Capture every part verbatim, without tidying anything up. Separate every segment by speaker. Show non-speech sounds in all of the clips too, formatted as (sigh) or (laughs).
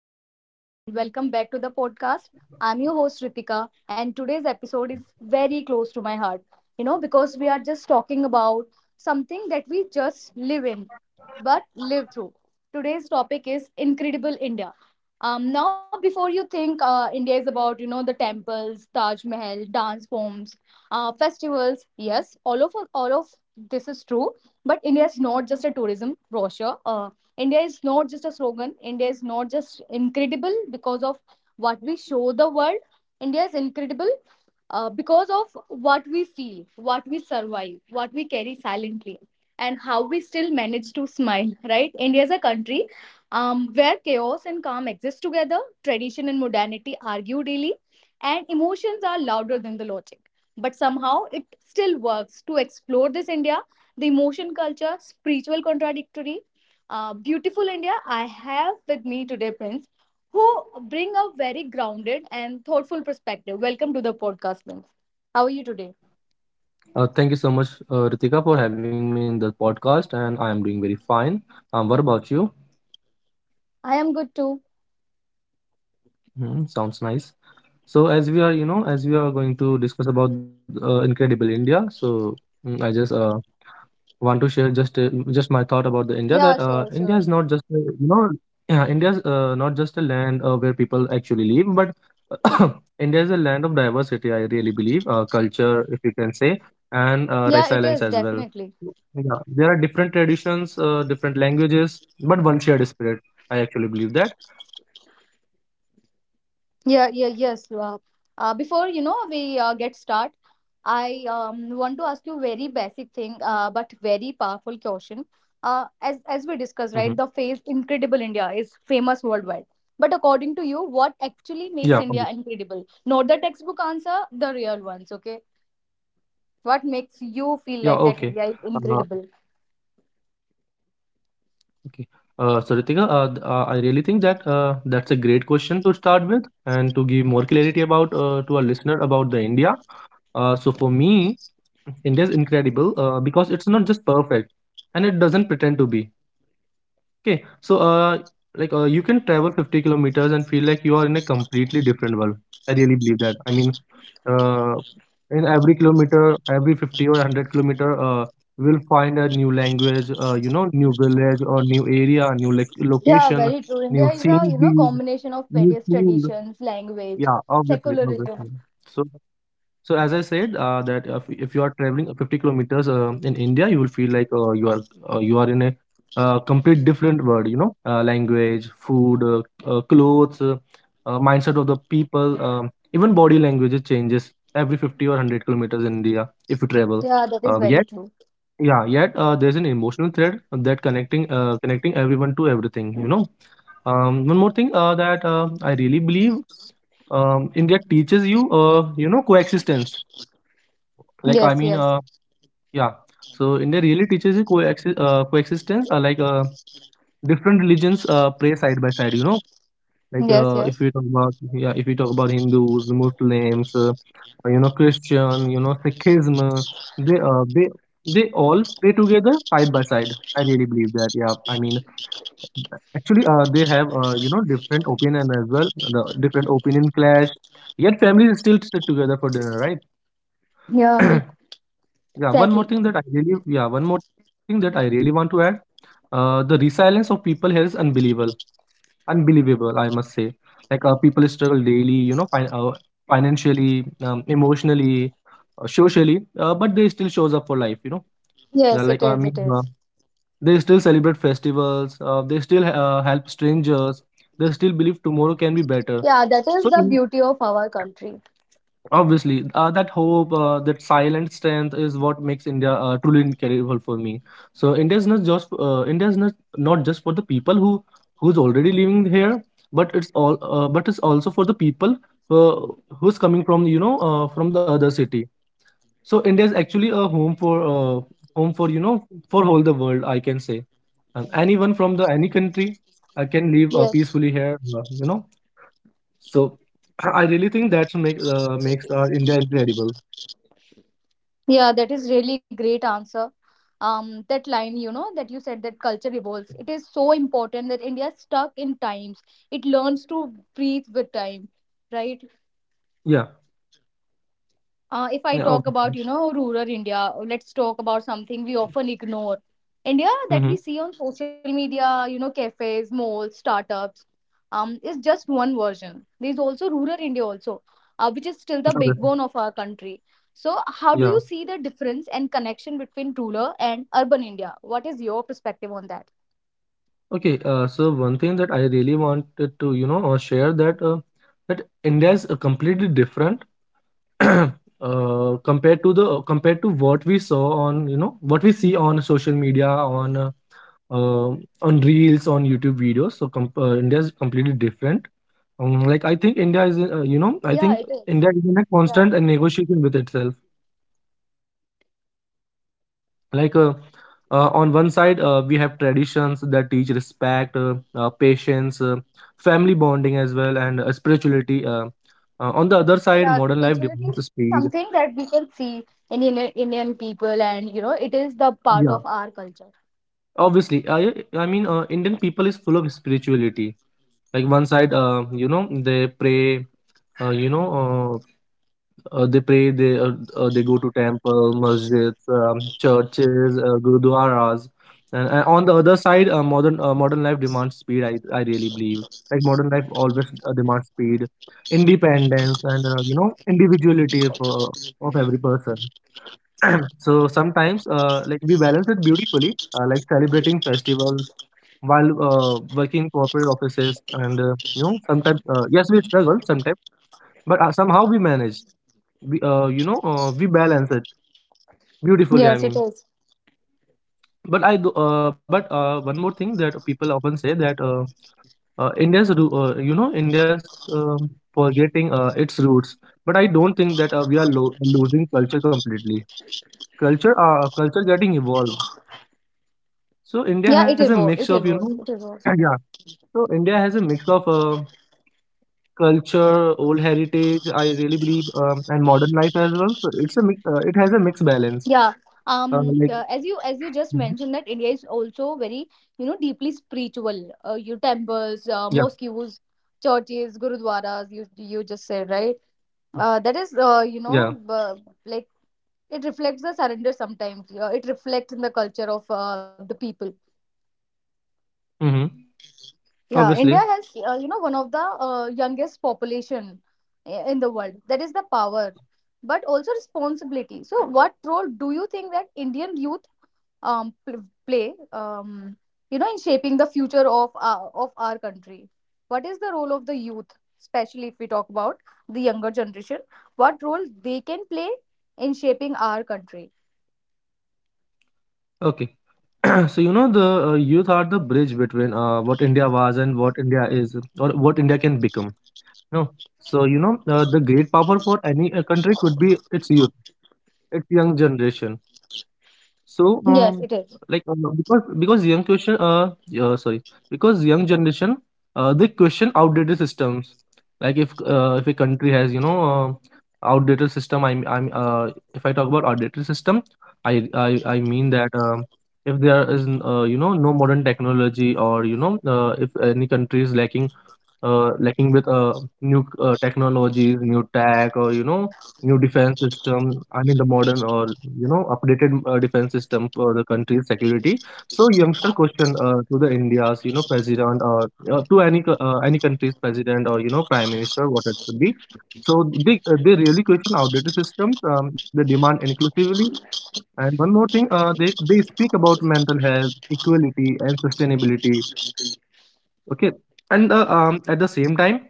Speaker 1: everyone, and welcome back to the podcast. I'm your host, Ritika, and today's episode is very close to my heart, you know, because we are just talking about something that we just live in but live through. Today's topic is Incredible India. Um, now, before you think uh, India is about, you know, the temples, Taj Mahal, dance forms, uh, festivals, yes, all of all of this is true, but India is not just a tourism brochure. Uh, India is not just a slogan. India is not just incredible because of what we show the world. India is incredible uh, because of what we feel, what we survive, what we carry silently, and how we still manage to smile, right? India is a country um, where chaos and calm exist together, tradition and modernity argue daily, and emotions are louder than the logic. But somehow it still works to explore this India, the emotion culture, spiritual contradictory uh, beautiful India. I have with me today Prince, who bring a very grounded and thoughtful perspective. Welcome to the podcast, Prince. How are you today?
Speaker 2: Uh, thank you so much, uh, Ritika, for having me in the podcast, and I am doing very fine. Um, what about you?
Speaker 1: I am good too.
Speaker 2: Hmm, sounds nice. So, as we are, you know, as we are going to discuss about uh, Incredible India, so mm, I just uh, want to share just uh, just my thought about the India that uh,
Speaker 1: Yeah,
Speaker 2: India is
Speaker 1: sure,
Speaker 2: not just
Speaker 1: sure.
Speaker 2: a, you know yeah, India's uh, not just a land uh, where people actually live, but (coughs) (clears throat) India is a land of diversity. I really believe uh, culture, if you can say, and uh,
Speaker 1: Yeah,
Speaker 2: resilience
Speaker 1: it
Speaker 2: as
Speaker 1: is
Speaker 2: well.
Speaker 1: definitely.
Speaker 2: Yeah, there are different traditions, uh, different languages, but one shared spirit. I actually believe that.
Speaker 1: Yeah, yeah, yes. Uh, uh, before you know we uh, get start, I um, want to ask you very basic thing, uh, but very powerful question. Uh, as
Speaker 2: Hmm.
Speaker 1: as we discussed, right, the phrase "Incredible India" is famous worldwide. But according to you,
Speaker 2: Yeah, okay.
Speaker 1: what actually makes India incredible? Not the textbook answer, the real ones. Okay,
Speaker 2: yeah,
Speaker 1: what
Speaker 2: okay.
Speaker 1: makes you
Speaker 2: Uh,
Speaker 1: feel like that India is incredible?
Speaker 2: Okay. Uh, so Ritika, uh, th- uh, I really think that uh, that's a great question to start with and to give more clarity about uh, to our listener about the India. Uh, so for me, India is incredible uh, because it's not just perfect and it doesn't pretend to be. Okay, so uh, like uh, you can travel fifty kilometers and feel like you are in a completely different world. I really believe that. I mean, uh, in every kilometer, every fifty or one hundred kilometer, uh, we'll find a new language, uh, you know, new village or new area, new like location,
Speaker 1: Yeah,
Speaker 2: new
Speaker 1: very true. India
Speaker 2: scenery,
Speaker 1: is a you know
Speaker 2: new
Speaker 1: combination of
Speaker 2: food.
Speaker 1: various traditions,
Speaker 2: Yeah,
Speaker 1: language,
Speaker 2: obviously, obviously.
Speaker 1: secularism.
Speaker 2: So so as I said, uh, that if, if you are traveling fifty kilometers um in India, you will feel like uh, you are uh, you are in a uh, complete different world. You know, uh, language, food, uh, uh, clothes, uh, uh, mindset of the people, um, even body language changes every fifty or one hundred kilometers in India if you travel.
Speaker 1: Yeah, that is
Speaker 2: Uh,
Speaker 1: very
Speaker 2: yet,
Speaker 1: true.
Speaker 2: yeah, yet uh, There's an emotional thread that connecting uh, connecting everyone to everything. You know, um, one more thing uh, that uh, I really believe um, India teaches you, uh, you know, coexistence. like i
Speaker 1: Yes,
Speaker 2: mean
Speaker 1: yes.
Speaker 2: uh, yeah so India really teaches you coexi- uh, coexistence, uh, like uh, different religions uh, pray side by side, you know. Like
Speaker 1: Yes,
Speaker 2: uh,
Speaker 1: yes.
Speaker 2: if we talk about yeah If we talk about Hindus, Muslims, uh, you know christian you know Sikhism, uh, they uh, they they all pray together side by side. I really believe that. yeah I mean, actually uh, they have, uh, you know different opinion as well. The different opinion clash, yet families still sit together for dinner, right?
Speaker 1: Yeah, bilkul.
Speaker 2: (clears throat) Yeah, one
Speaker 1: Exactly.
Speaker 2: more thing that I really yeah, one more thing that I really want to add. Uh, the resilience of people here is unbelievable, unbelievable, I must say. Like uh, people struggle daily, you know, fin uh, financially, um, emotionally, uh, socially, uh, but they still shows up for life, you know.
Speaker 1: Yes, it is,
Speaker 2: Yeah,
Speaker 1: it
Speaker 2: like I
Speaker 1: is.
Speaker 2: mean, uh, they still celebrate festivals, uh, they still uh, help strangers, they still believe tomorrow can be better.
Speaker 1: Yeah, that is
Speaker 2: So
Speaker 1: the beauty of our country.
Speaker 2: Obviously, uh, that hope, uh, that silent strength is what makes India uh, truly incredible for me. So India is not just uh, India is not, not just for the people who who's already living here, but it's all uh, but it's also for the people uh, who's coming from, you know uh, from the other city. So India is actually a home for uh, home for, you know, for all the world, I can say. Um, anyone from the any country uh, can live uh, peacefully
Speaker 1: Yes.
Speaker 2: here. Uh, you know, so I I really think that make uh, makes uh, India incredible.
Speaker 1: Yeah, that is really great answer. Um, that line, you know, that you said that culture evolves. It is so important that India is stuck in times. It learns to breathe with time, right?
Speaker 2: Yeah.
Speaker 1: uh, if I
Speaker 2: Yeah,
Speaker 1: talk about,
Speaker 2: obviously.
Speaker 1: you know, rural India, let's talk about something we often ignore. India that we
Speaker 2: Mm-hmm.
Speaker 1: see on social media, you know, cafes, malls, startups, um, is just one version. There's also rural India also, uh, which is still the
Speaker 2: Obviously.
Speaker 1: backbone of our country. So how do you
Speaker 2: Yeah.
Speaker 1: see the difference and connection between rural and urban India? What is your perspective on that?
Speaker 2: Okay. Uh, so one thing that I really wanted to, you know, uh, share that uh, that India is uh, completely different (clears throat) uh, compared to the compared to what we saw on, you know, what we see on social media, on uh, uh, on reels, on YouTube videos. So com uh, India is completely different. Um, like I think India is, uh, you know, I think
Speaker 1: Yeah, it
Speaker 2: India
Speaker 1: is.
Speaker 2: is in a constant uh,
Speaker 1: Yeah.
Speaker 2: negotiation with itself. Like uh, uh, on one side uh, we have traditions that teach respect uh, uh, patience uh, family bonding as well and uh, spirituality uh, uh, on the other side modern
Speaker 1: Yeah,
Speaker 2: life demands
Speaker 1: spirituality is
Speaker 2: speed
Speaker 1: something that we can see in Indian Indian people, and you know, it is the part
Speaker 2: yeah
Speaker 1: of our culture.
Speaker 2: obviously I I mean uh, indian people is full of spirituality like one side uh, you know they pray uh, you know uh, Uh, they pray. They uh, uh, they go to temple, masjids, um, churches, uh, gurudwaras, and, and on the other side, uh, modern uh, modern life demands speed. I I really believe like modern life always uh, demands speed, independence, and uh, you know individuality of uh, of every person. (clears throat) so sometimes uh, like we balance it beautifully, uh, like celebrating festivals while uh, working corporate offices, and uh, you know sometimes uh, yes we struggle sometimes, but uh, somehow we manage we, uh, you know uh, we balance it beautifully I
Speaker 1: Yes, it
Speaker 2: mean
Speaker 1: is.
Speaker 2: but I do uh, but uh, one more thing that people often say that uh, uh, india's ru- uh, you know india's um, forgetting uh, its roots but I don't think that uh, we are lo- losing culture completely culture uh, culture getting evolved so india has
Speaker 1: Yeah,
Speaker 2: a
Speaker 1: it
Speaker 2: mix of
Speaker 1: evolved.
Speaker 2: you
Speaker 1: It
Speaker 2: know
Speaker 1: evolved. It
Speaker 2: (clears throat)
Speaker 1: evolved.
Speaker 2: yeah so india has a mix of uh, culture old heritage I really believe um, and modern life as well so it's a mix, uh, it has a mixed balance
Speaker 1: Yeah. Um.
Speaker 2: uh, like
Speaker 1: the- as you as you just
Speaker 2: Mhm.
Speaker 1: mentioned that India is also very you know deeply spiritual. Uh, your
Speaker 2: yeah
Speaker 1: temples, uh, mosques, churches, gurudwaras. You you just said right. Uh, that is
Speaker 2: yeah
Speaker 1: uh, you know uh, like it reflects the surrender sometimes. Uh, it reflects in the culture of uh, the people.
Speaker 2: Mm-hmm. Obviously.
Speaker 1: Yeah, India has, uh, you know, one of the uh, youngest population i- in the world. That is the power, but also responsibility. So, what role do you think that Indian youth um, pl- play, um, you know, in shaping the future of our, of our country? What is the role of the youth, especially if we talk about the younger generation? What role they can play in shaping our country?
Speaker 2: Okay. (clears throat) so you know the uh, Youth are the bridge between uh, what India was and what India is or what India can become. No. So, you know, uh, the great power for any uh, country could be its youth, its young generation. So, um,
Speaker 1: Yes, it is.
Speaker 2: like uh, because because young question, uh, uh, sorry, because young generation, uh, they question outdated systems. Like if uh, if a country has, you know, uh, outdated system. I'm I'm uh, If I talk about outdated system, I I I mean that, um, if there is n- uh, you know no modern technology, or you know, uh, if any country is lacking, uh, lacking with uh, new uh, technologies, new tech, or you know, new defense system. I mean the modern or you know updated uh, defense system for the country's security. So youngster question, uh, to the India's, you know, president or uh, to any co- uh, any country's president or, you know, prime minister, what it could be. So they uh, they really question outdated systems. Um, they demand inclusively, and one more thing, uh, they they speak about mental health, equality and sustainability. Okay. And uh, um, at the same time,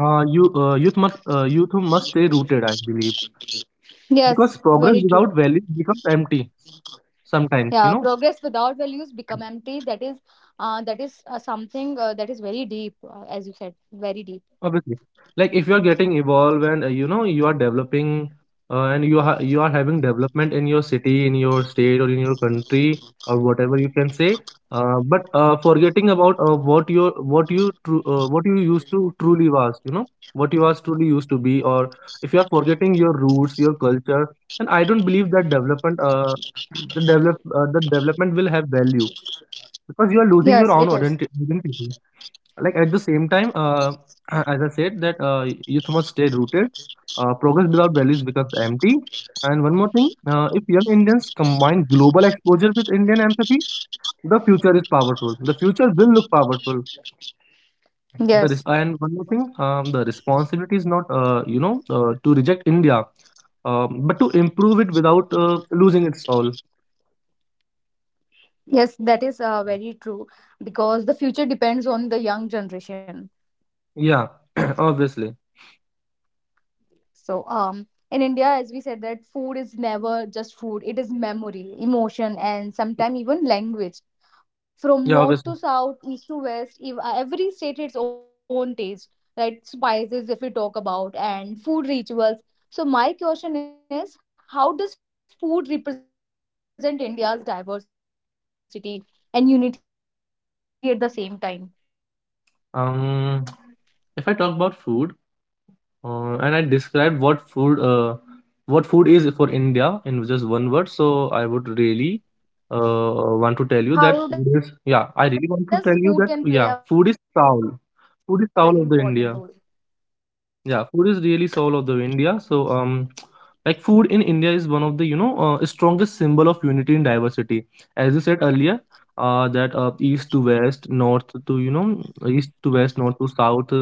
Speaker 2: uh, you uh, youth must uh, youth must stay rooted, I believe,
Speaker 1: Yes,
Speaker 2: because progress
Speaker 1: very
Speaker 2: without
Speaker 1: true.
Speaker 2: value becomes empty sometimes, you
Speaker 1: Yeah,
Speaker 2: know.
Speaker 1: progress without values become empty. That is uh, that is uh, something uh, that is very deep uh, as you said, very deep.
Speaker 2: Obviously, like if you are getting evolved and, uh, you know, you are developing uh, and you are you are having development in your city, in your state or in your country, or whatever you can say. Uh, but uh, forgetting about uh, what your, what you tru- uh, what you used to truly was, you know, what you was truly used to be, or if you are forgetting your roots, your culture, and I don't believe that development uh, the develop uh, the development will have value, because you are
Speaker 1: Yes,
Speaker 2: losing your
Speaker 1: it
Speaker 2: own
Speaker 1: is.
Speaker 2: identi- identity. Like at the same time, uh, (clears throat) as I said, that uh, youth must stay rooted. Uh, progress without values becomes empty. And one more thing, uh, if young Indians combine global exposure with Indian empathy, the future is powerful. The future will look powerful. The res-
Speaker 1: Yes,
Speaker 2: and one more thing, um, the responsibility is not, uh, you know, uh, to reject India, um, but to improve it without uh, losing its soul.
Speaker 1: yes, that is uh, very true, because the future depends on the young generation.
Speaker 2: Yeah, (clears throat) obviously.
Speaker 1: So, um, in India, as we said, that food is never just food. It is memory, emotion, and sometimes even language. From
Speaker 2: Yeah,
Speaker 1: north
Speaker 2: obviously.
Speaker 1: to south, east to west, ev- every state its own taste, right? Spices, if we talk about, and food rituals. So, my question is, how does food represent India's diversity and unity at the same time?
Speaker 2: Um, if I talk about food, Uh, and I described what food uh, what
Speaker 1: How
Speaker 2: food
Speaker 1: does
Speaker 2: is for
Speaker 1: food
Speaker 2: India
Speaker 1: can play
Speaker 2: in
Speaker 1: a
Speaker 2: just
Speaker 1: very
Speaker 2: one word. So
Speaker 1: important role?
Speaker 2: I would really uh, want to tell you that food is yeah. I really want to tell you that yeah, food is soul. Food is soul of the India. Yeah, food is really soul of the India. So, um, like food in India is one of the, you know uh, strongest symbol of unity and diversity. As you said earlier, uh, that uh, east to west, north to you know east to west, north to south, uh,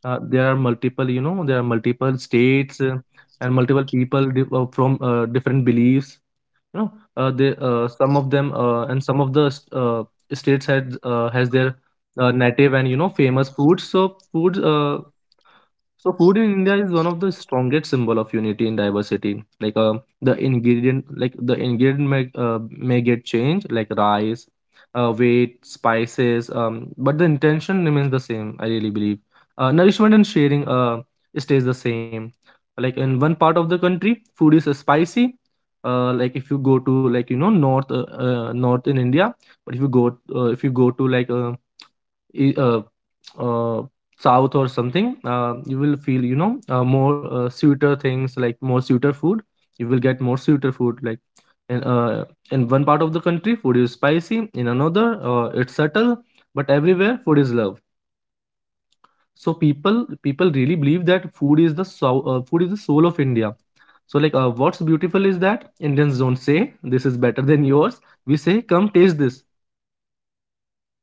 Speaker 2: uh, there are multiple you know there are multiple states uh, and multiple people di- uh, from
Speaker 1: Yeah,
Speaker 2: uh, different beliefs.
Speaker 1: yes,
Speaker 2: You know,
Speaker 1: because
Speaker 2: uh,
Speaker 1: food
Speaker 2: they
Speaker 1: is
Speaker 2: uh,
Speaker 1: uh,
Speaker 2: some of
Speaker 1: something
Speaker 2: them,
Speaker 1: that
Speaker 2: uh,
Speaker 1: can
Speaker 2: and some of
Speaker 1: bind
Speaker 2: the
Speaker 1: us
Speaker 2: st- uh,
Speaker 1: together.
Speaker 2: states had uh, has their uh, native and, you know, famous foods. So foods. Uh, so food in India is one of the strongest symbol of unity in diversity. Like uh, the ingredient, like the ingredient may, uh, may get changed, like rice, uh, weight, spices, um, but the intention remains the same. I really believe uh, nourishment and sharing uh, stays the same. Like in one part of the country, food is uh, spicy. Uh, like if you go to like you know north uh, uh, north in India, but if you go uh, if you go to like uh, i- uh, uh, south or something uh, you will feel you know uh, more uh, sweeter things like more sweeter food you will get more sweeter food like in uh, in one part of the country food is spicy in another uh, it's subtle, but everywhere food is love. So people people really believe that food is the soul uh, food is the soul of India. So like uh, what's beautiful is that Indians don't say this is better than yours, we say come taste this.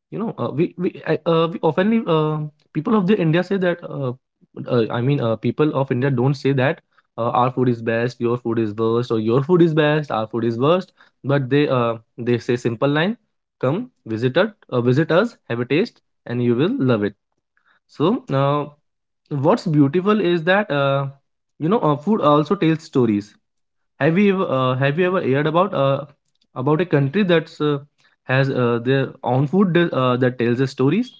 Speaker 2: You know, uh, we we I- uh, we oftenly uh, people of the India say that uh, uh, i mean uh, people of India don't say that uh, our food is best your food is worst, or your food is best our food is worst, but they uh, they say simple line, come, visit us uh, visit us, have a taste, and you will love it. So uh, what's
Speaker 1: Yeah,
Speaker 2: beautiful is
Speaker 1: very.
Speaker 2: that uh, you know uh, food also tells stories. Have you ever, uh, have you ever heard about uh, about a country that's uh, has uh, their own food that, uh, that tells the stories?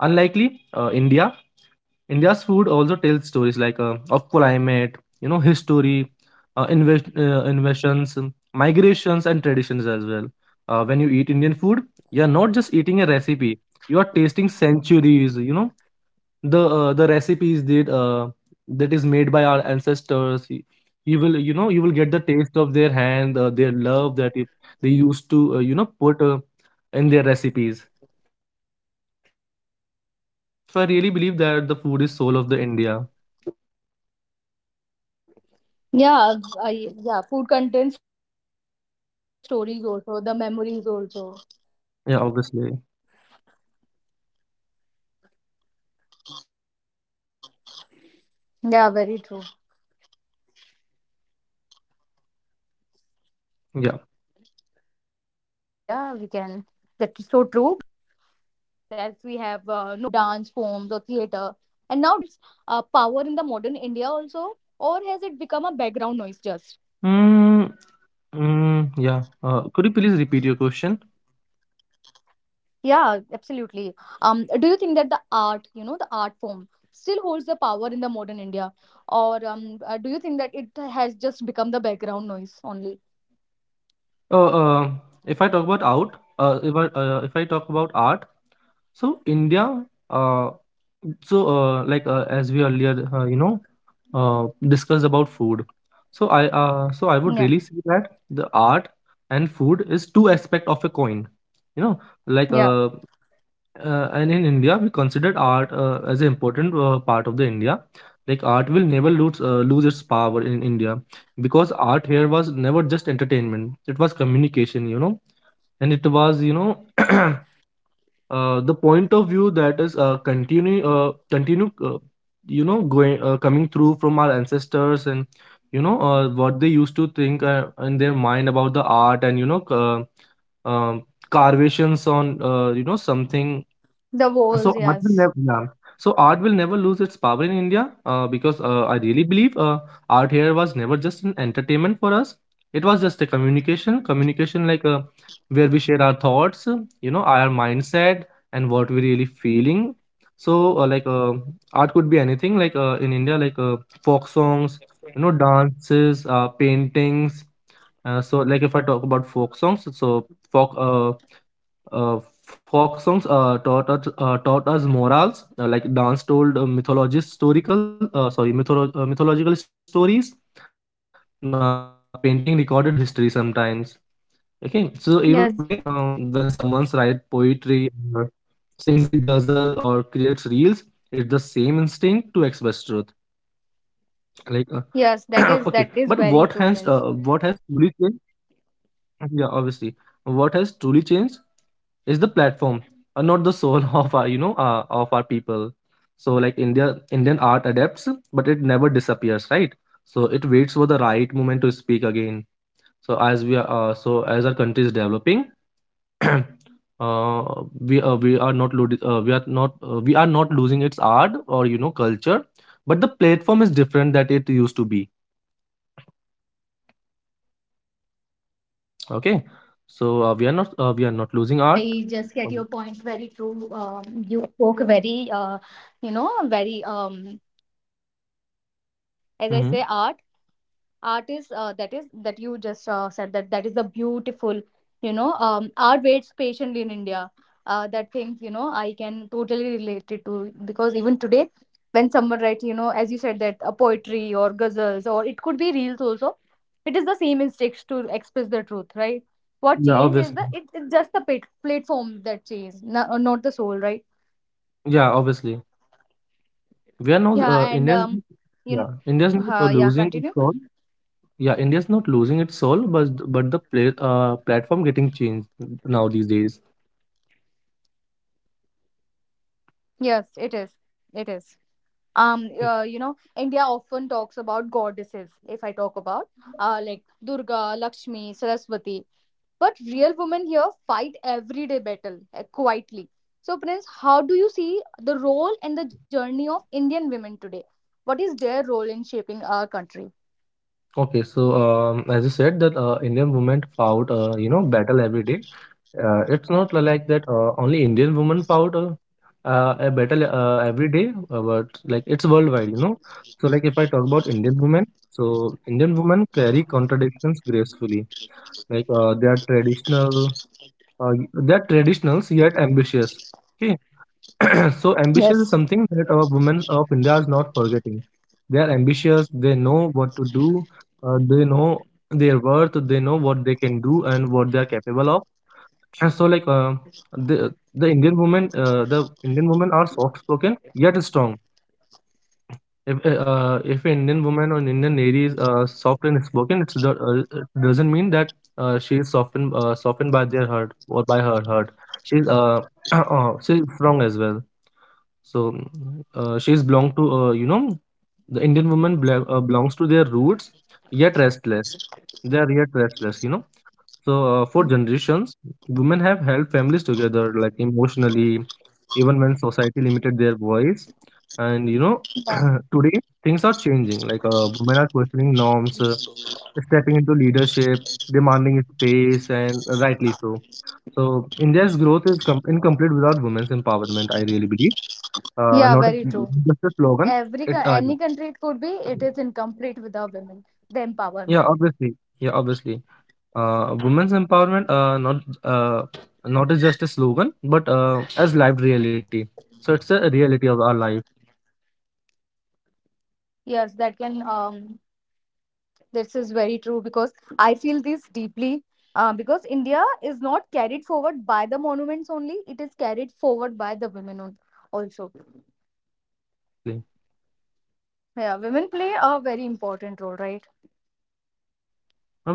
Speaker 2: Unlikely, uh, India. India's food also tells stories, like uh, of climate, you know, history, uh, invest, uh, invasions, um, migrations, and traditions as well. Uh, when you eat Indian food, you're not just eating a recipe; you are tasting centuries. You know, the uh, the recipes that uh, that is made by our ancestors y- you will you know you will get the taste of their hand uh, their love that if they used to uh, you know put uh, in their recipes. So I really believe that the food is soul of the India.
Speaker 1: Yeah, I, yeah, food contains stories also, the memories also. Yeah,
Speaker 2: Yeah, obviously.
Speaker 1: yeah, yeah, very true.
Speaker 2: Yeah.
Speaker 1: Yes. Uh, yes, Prince, you are correct. Food is definitely the soul of India. We can, that is so true because in India, even strangers become family (laughs) over a shared meal, right?
Speaker 2: mm, mm, yeah,
Speaker 1: Yeah,
Speaker 2: uh,
Speaker 1: India
Speaker 2: could you
Speaker 1: has
Speaker 2: please
Speaker 1: always been
Speaker 2: repeat
Speaker 1: a
Speaker 2: your
Speaker 1: land of
Speaker 2: question?
Speaker 1: storytellers, as we have uh, known uh, through folk songs, or uh, it can be classical music, or dance forms, or theater, and now digital content also. So, Prince, do you think that uh, art still holds uh, power in the modern India also, or has it become a background noise just?
Speaker 2: Uh, uh, if I talk about out, uh, if I, uh, if I talk about art,
Speaker 1: Yeah,
Speaker 2: so
Speaker 1: absolutely.
Speaker 2: India,
Speaker 1: Um, do you think that
Speaker 2: uh,
Speaker 1: the art, you know, the art
Speaker 2: so
Speaker 1: form
Speaker 2: uh, like
Speaker 1: still
Speaker 2: uh,
Speaker 1: holds the
Speaker 2: as we
Speaker 1: power in the modern
Speaker 2: earlier, uh,
Speaker 1: India,
Speaker 2: you know,
Speaker 1: or um, uh, do you
Speaker 2: uh,
Speaker 1: think that it
Speaker 2: discussed
Speaker 1: has
Speaker 2: about
Speaker 1: just
Speaker 2: food.
Speaker 1: become the background
Speaker 2: So
Speaker 1: noise
Speaker 2: I,
Speaker 1: only?
Speaker 2: uh, so I would really say that the art and food is two aspect of a coin. You know, like uh, uh, and in India, we considered art uh, as an important uh,
Speaker 1: Yeah,
Speaker 2: part of the India. Like art will never lose uh, lose its power in India,
Speaker 1: yeah.
Speaker 2: because art here was never just entertainment; it was communication, you know, and it was you know (clears throat) uh, the point of view that is uh, continue uh, continue uh, you know going uh, coming through from our ancestors, and you know uh, what they used to think uh, in their mind about the art and you know. Uh, um, Carvations on uh, you know something.
Speaker 1: The walls,
Speaker 2: So art will
Speaker 1: yes,
Speaker 2: never, yeah. So art will never lose its power in India, uh, because uh, I really believe uh, art here was never just an entertainment for us. It was just a communication, communication, like uh, where we share our thoughts, uh, you know, our mindset, and what we really feeling. So uh, like uh, art could be anything, like uh, in India, like uh, folk songs, you know, dances, uh, paintings. Uh, so like if I talk about folk songs, so folk. Uh, uh, folk songs uh, taught us uh, taught us morals, uh, like dance told uh, mythologist historical uh, sorry mytholo- uh, mythological stories. Uh, painting recorded history sometimes. Okay, so even today, um, when someone writes
Speaker 1: yes,
Speaker 2: poetry, or sings a ghazal, or creates reels, it's the same instinct to express truth. Like uh, (coughs) (clears throat) okay, but what has uh,
Speaker 1: yes.
Speaker 2: what
Speaker 1: That
Speaker 2: has
Speaker 1: is that
Speaker 2: truly
Speaker 1: is
Speaker 2: changed?
Speaker 1: very true, Prince.
Speaker 2: Yeah, obviously, what has truly changed is the platform and not the soul (laughs) of our you know uh, of our people. So like India, Indian art adapts but it never disappears, right? So it waits for the right moment to speak again. So as we are uh, so as our country is developing, (clears throat) uh, we uh, we are not lo- uh, we are not uh, we are not losing its art or you know culture, but the platform is different that it used to be. Okay, so uh, we are not uh, we are not losing art.
Speaker 1: I just
Speaker 2: um,
Speaker 1: get your point. Very true. Um, you spoke very, uh, you know, very um, as
Speaker 2: mhm.
Speaker 1: I say, art. Art is uh, that is that you just uh, said that that is a beautiful you know um, art waits patiently in India. Uh, that things, you know, I can totally relate it to, because even today when someone writes, you know, as you said, that a poetry or ghazals, or it could be reels also, it is the same instincts to express the truth, right? What
Speaker 2: Yeah,
Speaker 1: change is
Speaker 2: obviously.
Speaker 1: the it, it's just the plat- platform that change, no, uh, not the soul, right?
Speaker 2: Yeah, obviously. We are now uh,
Speaker 1: Yeah. And
Speaker 2: India's.
Speaker 1: um you know,
Speaker 2: Yeah, India's not uh,
Speaker 1: uh, yeah,
Speaker 2: losing its
Speaker 1: continue.
Speaker 2: soul. Yeah, India's not losing its soul, but th- but the play, uh, platform getting changed now these days.
Speaker 1: Yes, it is, it is. um uh, you know, India often talks about goddesses. If I talk about uh like Durga, Lakshmi, Saraswati. But real women here fight everyday battle uh, quietly. So, Prince, how do you see the role and the journey of Indian women today? What is their role in shaping our country?
Speaker 2: Okay, so um, as you said that uh, Indian women fought uh, you know battle every day. Uh, it's not li- like that uh, only Indian women fought uh, uh, a battle uh, every day, uh, but like it's worldwide, you know. So like if I talk about Indian women, so Indian women carry contradictions gracefully. Like uh, they are traditional uh, they're traditional yet ambitious. Okay, (clears throat) so ambition
Speaker 1: Yes.
Speaker 2: is something that our women of India is not forgetting. They are ambitious. They know what to do. Uh, they know their worth. They know what they can do and what they are capable of. (clears throat) And so, like uh, the the Indian women, uh, the Indian women are soft spoken yet strong. If uh, uh, if an Indian woman or an Indian lady is uh, soft and spoken, it's do- uh, it doesn't mean that uh, she is softened uh, softened by their hurt or by her hurt. She's uh, (clears throat) uh she's strong as well. So uh, she's belong to uh, you know the Indian woman bela- uh, belongs to their roots, yet restless. They are yet restless, you know. So, uh, for generations, women have held families together, like emotionally, even when society limited their voice. And you know,
Speaker 1: Yeah,
Speaker 2: (clears throat) today things are changing. Like uh, women are questioning norms, uh, stepping into leadership, demanding space, and rightly so. So, India's growth is com- incomplete without women's empowerment. I really believe.
Speaker 1: yeah,
Speaker 2: Uh,
Speaker 1: very
Speaker 2: not
Speaker 1: true.
Speaker 2: a- just a slogan.
Speaker 1: Every co-
Speaker 2: It,
Speaker 1: any
Speaker 2: uh,
Speaker 1: country, it could be, it is incomplete without women, the empowerment.
Speaker 2: yeah, obviously, yeah, obviously. Uh, women's empowerment uh, not uh, not is just a slogan, but uh, as lived reality. So it's a reality of our life.
Speaker 1: Yes, that can um this is very true, because I feel this deeply. Uh, because India is not carried forward by the monuments only, it is carried forward by the women on- also.
Speaker 2: Yeah, obviously.
Speaker 1: Yeah, women play a very important role, right?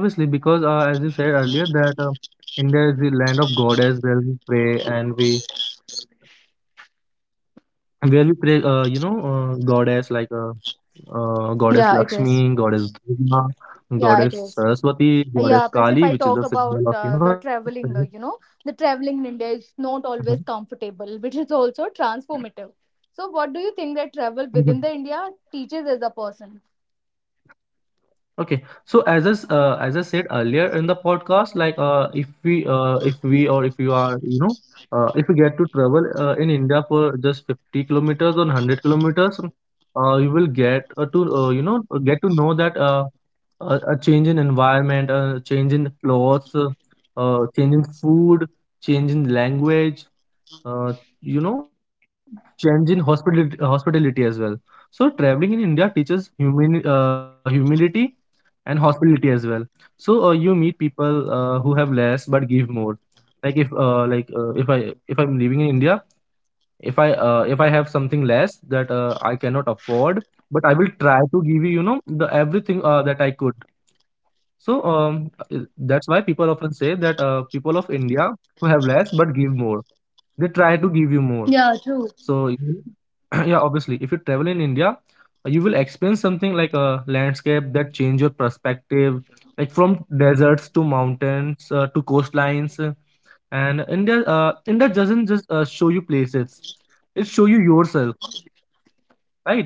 Speaker 2: Obviously, because uh, as you said earlier that uh, India is the land of goddess where we pray and we where we pray uh, you know uh, goddess like uh, uh, goddess
Speaker 1: Yeah,
Speaker 2: Lakshmi,
Speaker 1: it is.
Speaker 2: goddess Durga, goddess
Speaker 1: Yeah, it is.
Speaker 2: Saraswati, goddess
Speaker 1: Yeah,
Speaker 2: Kali,
Speaker 1: plus
Speaker 2: which
Speaker 1: if
Speaker 2: is
Speaker 1: I
Speaker 2: the
Speaker 1: talk
Speaker 2: symbol of
Speaker 1: about
Speaker 2: you know
Speaker 1: uh, the
Speaker 2: strength.
Speaker 1: traveling, uh, you know, the traveling in India is
Speaker 2: Mhm.
Speaker 1: not always comfortable, which is also transformative. So, what do you think that travel
Speaker 2: (laughs)
Speaker 1: within the India teaches as a person?
Speaker 2: Okay, so as I, s- uh, as I said earlier in the podcast, like uh, if we uh, if we or if you are you know uh, if we get to travel uh, in India for just fifty kilometers or one hundred kilometers, uh, you will get uh, to uh, you know uh, get to know that uh, a, a change in environment, a change in clothes, uh, uh, change in food, change in language, uh, you know, change in hospitality, hospitality as well. So traveling in India teaches humani- uh, humility and hospitality as well. So uh, you meet people uh, who have less but give more. Like if uh, like uh, if I if I'm living in India, if I uh, if I have something less that uh, I cannot afford, but I will try to give you you know the everything uh, that I could. So um, uh, that's why people often say that uh, people of India who have less but give more, they try to give you more.
Speaker 1: Yeah, true.
Speaker 2: So you- (clears throat) yeah, obviously, if you travel in India, uh, you will experience something like a landscape that change your perspective, like from deserts to mountains uh, to coastlines. uh, And India, uh, India doesn't just uh, show you places; it show you yourself, right?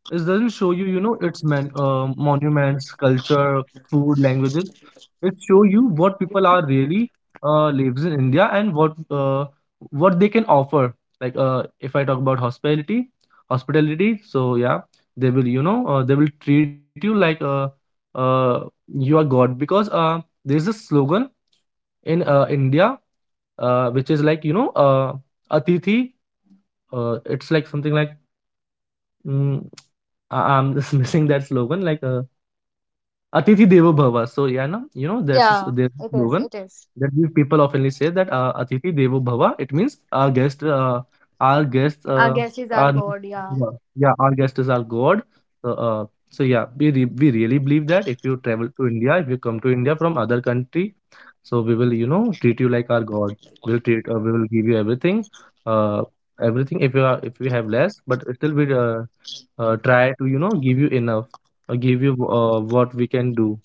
Speaker 2: It doesn't show you, you know, its man, uh, monuments, culture, food, languages. It show you what people are really uh, lives in India and what uh, what they can offer. Like uh, if I talk about hospitality, hospitality. So yeah, they will, you know, uh, they will treat you like uh, uh, you are God, because uh, there's a slogan in uh, India uh, which is like you know uh, Atithi. Uh, it's like something like mm, I- I'm just (laughs) missing that slogan like. Uh, Atithi Devo Bhava. So, yeah, na, you know, that's a s-
Speaker 1: Yeah,
Speaker 2: there's a
Speaker 1: it is.
Speaker 2: slogan
Speaker 1: It is.
Speaker 2: that we people oftenly say that uh, Atithi Devo Bhava. It means our guest, uh, our guest,
Speaker 1: Our
Speaker 2: uh,
Speaker 1: guest is our
Speaker 2: our
Speaker 1: God. Yeah.
Speaker 2: yeah, yeah, our guest is our God. So, uh, so yeah, we re we really believe that if you travel to India, if you come to India from other country, so we will, you know, treat you like our God. We'll treat, uh, we will give you everything, uh, everything. If you are, If we have less, but still we uh, uh, try to, you know, give you enough, uh, give you uh, what we can do.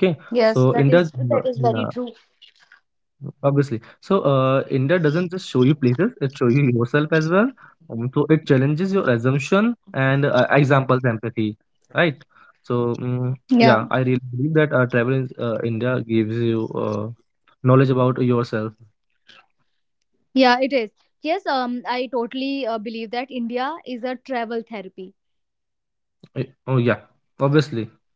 Speaker 2: Okay.
Speaker 1: Yes,
Speaker 2: so
Speaker 1: that
Speaker 2: india
Speaker 1: is that
Speaker 2: uh,
Speaker 1: is very
Speaker 2: Yeah,
Speaker 1: true.
Speaker 2: obviously. So uh, India doesn't just show you places. It shows you yourself as well. Um, so it challenges your assumption and uh, examples empathy, right. So mm
Speaker 1: Yeah,
Speaker 2: yeah, I really believe that uh, travel in uh, India gives you uh, knowledge about yourself.
Speaker 1: yeah, it is. Yes, um, I totally uh, believe that India is a travel therapy.
Speaker 2: Eh, oh, yeah, obviously.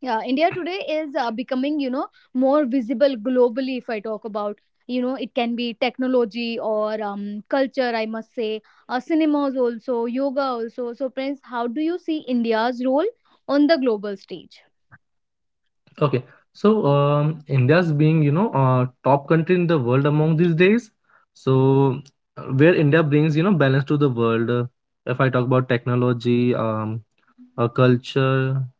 Speaker 1: Yeah, India today is uh, becoming, you know, more visible globally. If I talk about, you know, it can be technology or um, culture, I must say, uh, cinemas also, yoga also. So, Prince, how do you see India's role on the global stage?
Speaker 2: Okay. So, um, India's being, you know, uh, top country in the world among these days. So, uh, where India brings, you know, balance to the world. Uh, if I talk about technology, um, uh, culture,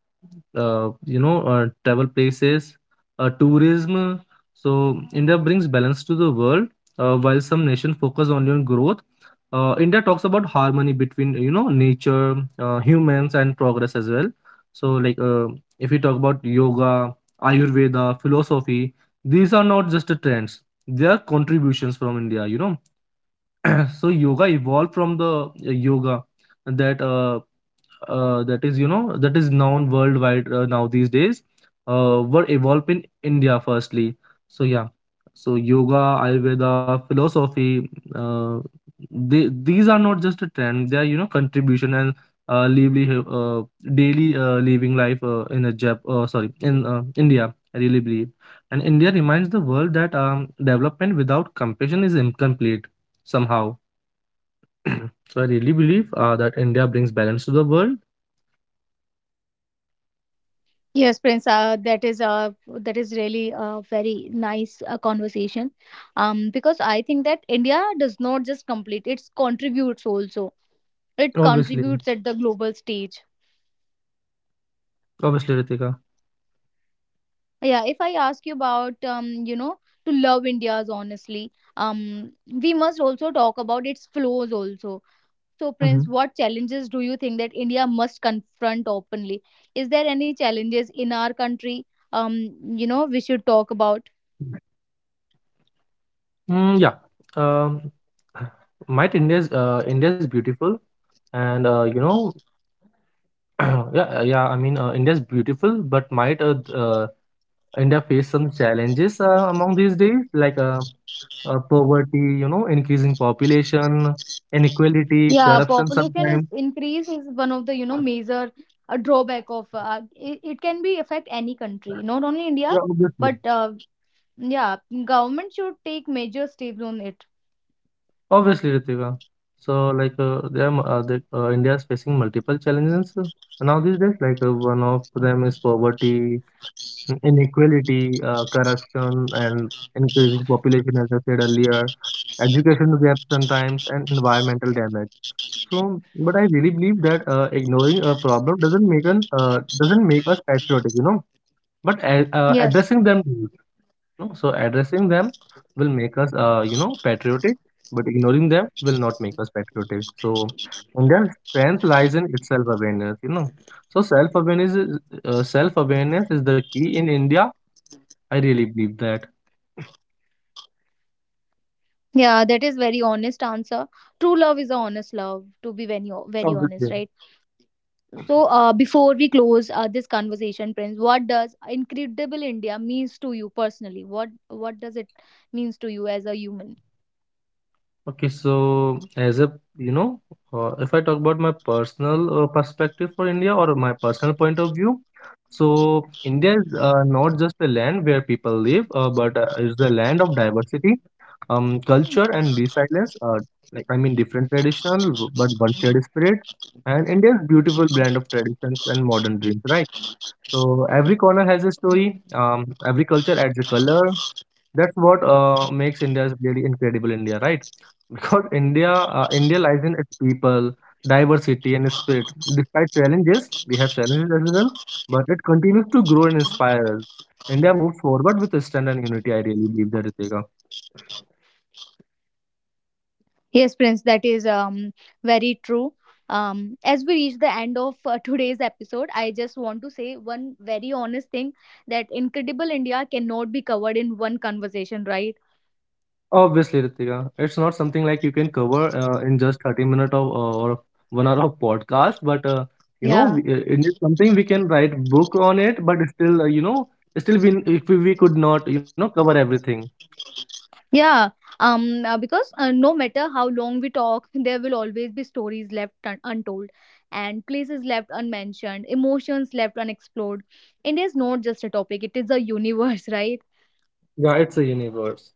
Speaker 2: uh, you know, uh, travel places, uh, tourism. So, India brings balance to the world, uh, while some nations focus on your growth. Uh, India talks about harmony between, you know, nature, uh, humans, and progress as well. So, like, uh, if we talk about yoga, Ayurveda, philosophy, these are not just the trends. They are contributions from India, you know. (clears throat) So yoga evolved from the uh, yoga that uh, uh, that is you know that is known worldwide uh, now these days uh, were evolved in India firstly. So yeah, so yoga, Ayurveda, philosophy, uh, they, these are not just a trend; they are, you know, contribution and uh, livelihood, uh, daily uh, living life, uh, in a Jap- uh, sorry in uh, India. I really believe, and India reminds the world that um, development without compassion is incomplete somehow. (clears throat) So I really believe uh, that India brings balance to the world.
Speaker 1: Yes, Prince. Uh, that is uh, that is really a very nice uh, conversation, um, because I think that India does not just complete; it contributes also. It contributes at
Speaker 2: Obviously,
Speaker 1: the global stage.
Speaker 2: obviously, Ritika.
Speaker 1: Yeah. If I ask you about, um, you know, to love India's honestly, um, we must also talk about its flaws also. So, Prince,
Speaker 2: Hmm.
Speaker 1: what challenges do you think that India must confront openly? Is there any challenges in our country? Um, you know, we should talk about.
Speaker 2: Mm, yeah. Um, (sighs) might India's uh, India's beautiful, and uh, you know, (clears throat) yeah, uh, yeah. I mean, uh, India's beautiful, but might uh, uh, India face some challenges uh, among these days, like uh, uh, poverty, you know, increasing population, inequality,
Speaker 1: Yeah,
Speaker 2: corruption.
Speaker 1: population is
Speaker 2: Sometimes.
Speaker 1: increase is one of the you know major uh, drawback of uh, it. It can be affect any country, not only India,
Speaker 2: Yeah,
Speaker 1: but
Speaker 2: obviously.
Speaker 1: uh, yeah, government should take major steps on it.
Speaker 2: Obviously, Ritika. So, like, uh, they are, mu- uh, they, uh, India is facing multiple challenges uh, now these days. Like, uh, one of them is poverty, in- inequality, uh, corruption, and increasing population, as I said earlier, education gap sometimes, and environmental damage. So, but I really believe that uh, ignoring a problem doesn't make an uh, doesn't make us patriotic, you know, but a- uh,
Speaker 1: Yes,
Speaker 2: addressing them. No, so addressing them will make us, uh, you know, patriotic, but ignoring them will not make us patriotic. So India's strength lies in its self-awareness, you know. So self-awareness is uh, self-awareness is the key in India. I really believe that.
Speaker 1: yeah, that is very honest answer. True love is a honest love, to be very ho- very honest,
Speaker 2: Obviously.
Speaker 1: right? So, uh, before we close uh, this conversation, Prince, what does incredible India means to you personally? What what does it means to you as a human?
Speaker 2: Okay, so, as a you know, uh, if I talk about my personal uh, perspective for India or my personal point of view, so India is uh, not just a land where people live, uh, but uh, it's a land of diversity, um, culture and resilience. Uh, like, I mean, different traditional, w- but one shared spirit, and India's beautiful blend of traditions and modern dreams, right? So every corner has a story. Um, every culture adds a color. That's what uh, makes India really incredible India, right? (laughs) Because India, uh, India lies in its people, diversity, and its spirit. Despite challenges, we have challenges as well, but it continues to grow and inspire us. India moves forward with strength and unity. I really believe that, Ritika.
Speaker 1: Yes, Prince, that is um, very true. Um, as we reach the end of uh, today's episode, I just want to say one very honest thing that Incredible India cannot be covered in one conversation, right?
Speaker 2: Obviously, Ritika, it's not something like you can cover uh, in just thirty minutes of uh, or one hour of podcast, but uh, you know,
Speaker 1: Yeah.
Speaker 2: we- uh, it is something we can write book on it, but still, uh, you know, still we if we, we could not, you know, cover everything.
Speaker 1: Yeah, um, uh, because uh, no matter how long we talk, there will always be stories left un- untold and places left unmentioned, emotions left unexplored. India is not just a topic, it is a universe, (laughs) right?
Speaker 2: Yeah, it's a universe.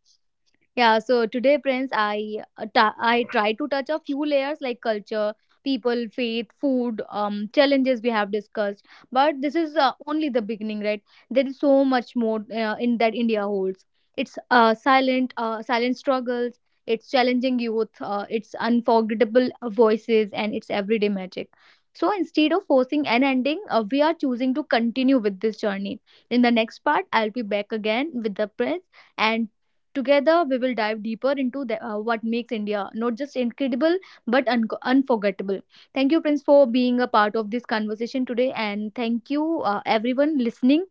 Speaker 1: Yeah, so today, Prince, I uh, ta- I try to touch a few layers like culture, people, faith, food, um, challenges we have discussed. But this is uh, only the beginning, right? There is so much more uh, in that India holds. It's uh, silent, uh, silent struggles. It's challenging youth. Uh, it's unforgettable uh, voices, and it's everyday magic. So instead of forcing an ending, uh, we are choosing to continue with this journey. In the next part, I'll be back again with the Prince, and together, we will dive deeper into the, uh, what makes India not just incredible but un- unforgettable. Thank you, Prince, for being a part of this conversation today, and thank you, uh, everyone listening,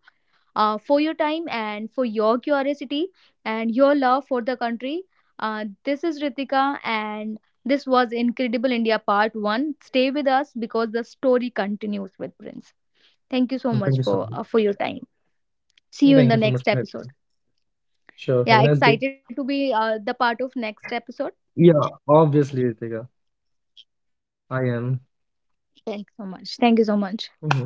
Speaker 1: uh, for your time and for your curiosity and your love for the country. Uh, this is Ritika, and this was Incredible India Part one. Stay with us because the story continues with Prince. Thank you so
Speaker 2: Mm, thank you
Speaker 1: much
Speaker 2: so
Speaker 1: for
Speaker 2: much.
Speaker 1: uh, for your time. See you
Speaker 2: Thank
Speaker 1: in
Speaker 2: you
Speaker 1: the
Speaker 2: so much
Speaker 1: next
Speaker 2: for having me.
Speaker 1: episode.
Speaker 2: Sure. Have a
Speaker 1: Yeah,
Speaker 2: nice day.
Speaker 1: excited to be uh, the part of next episode.
Speaker 2: Yeah, obviously, Ritika, I am.
Speaker 1: Thanks so much. Thank you so much.
Speaker 2: Mhm.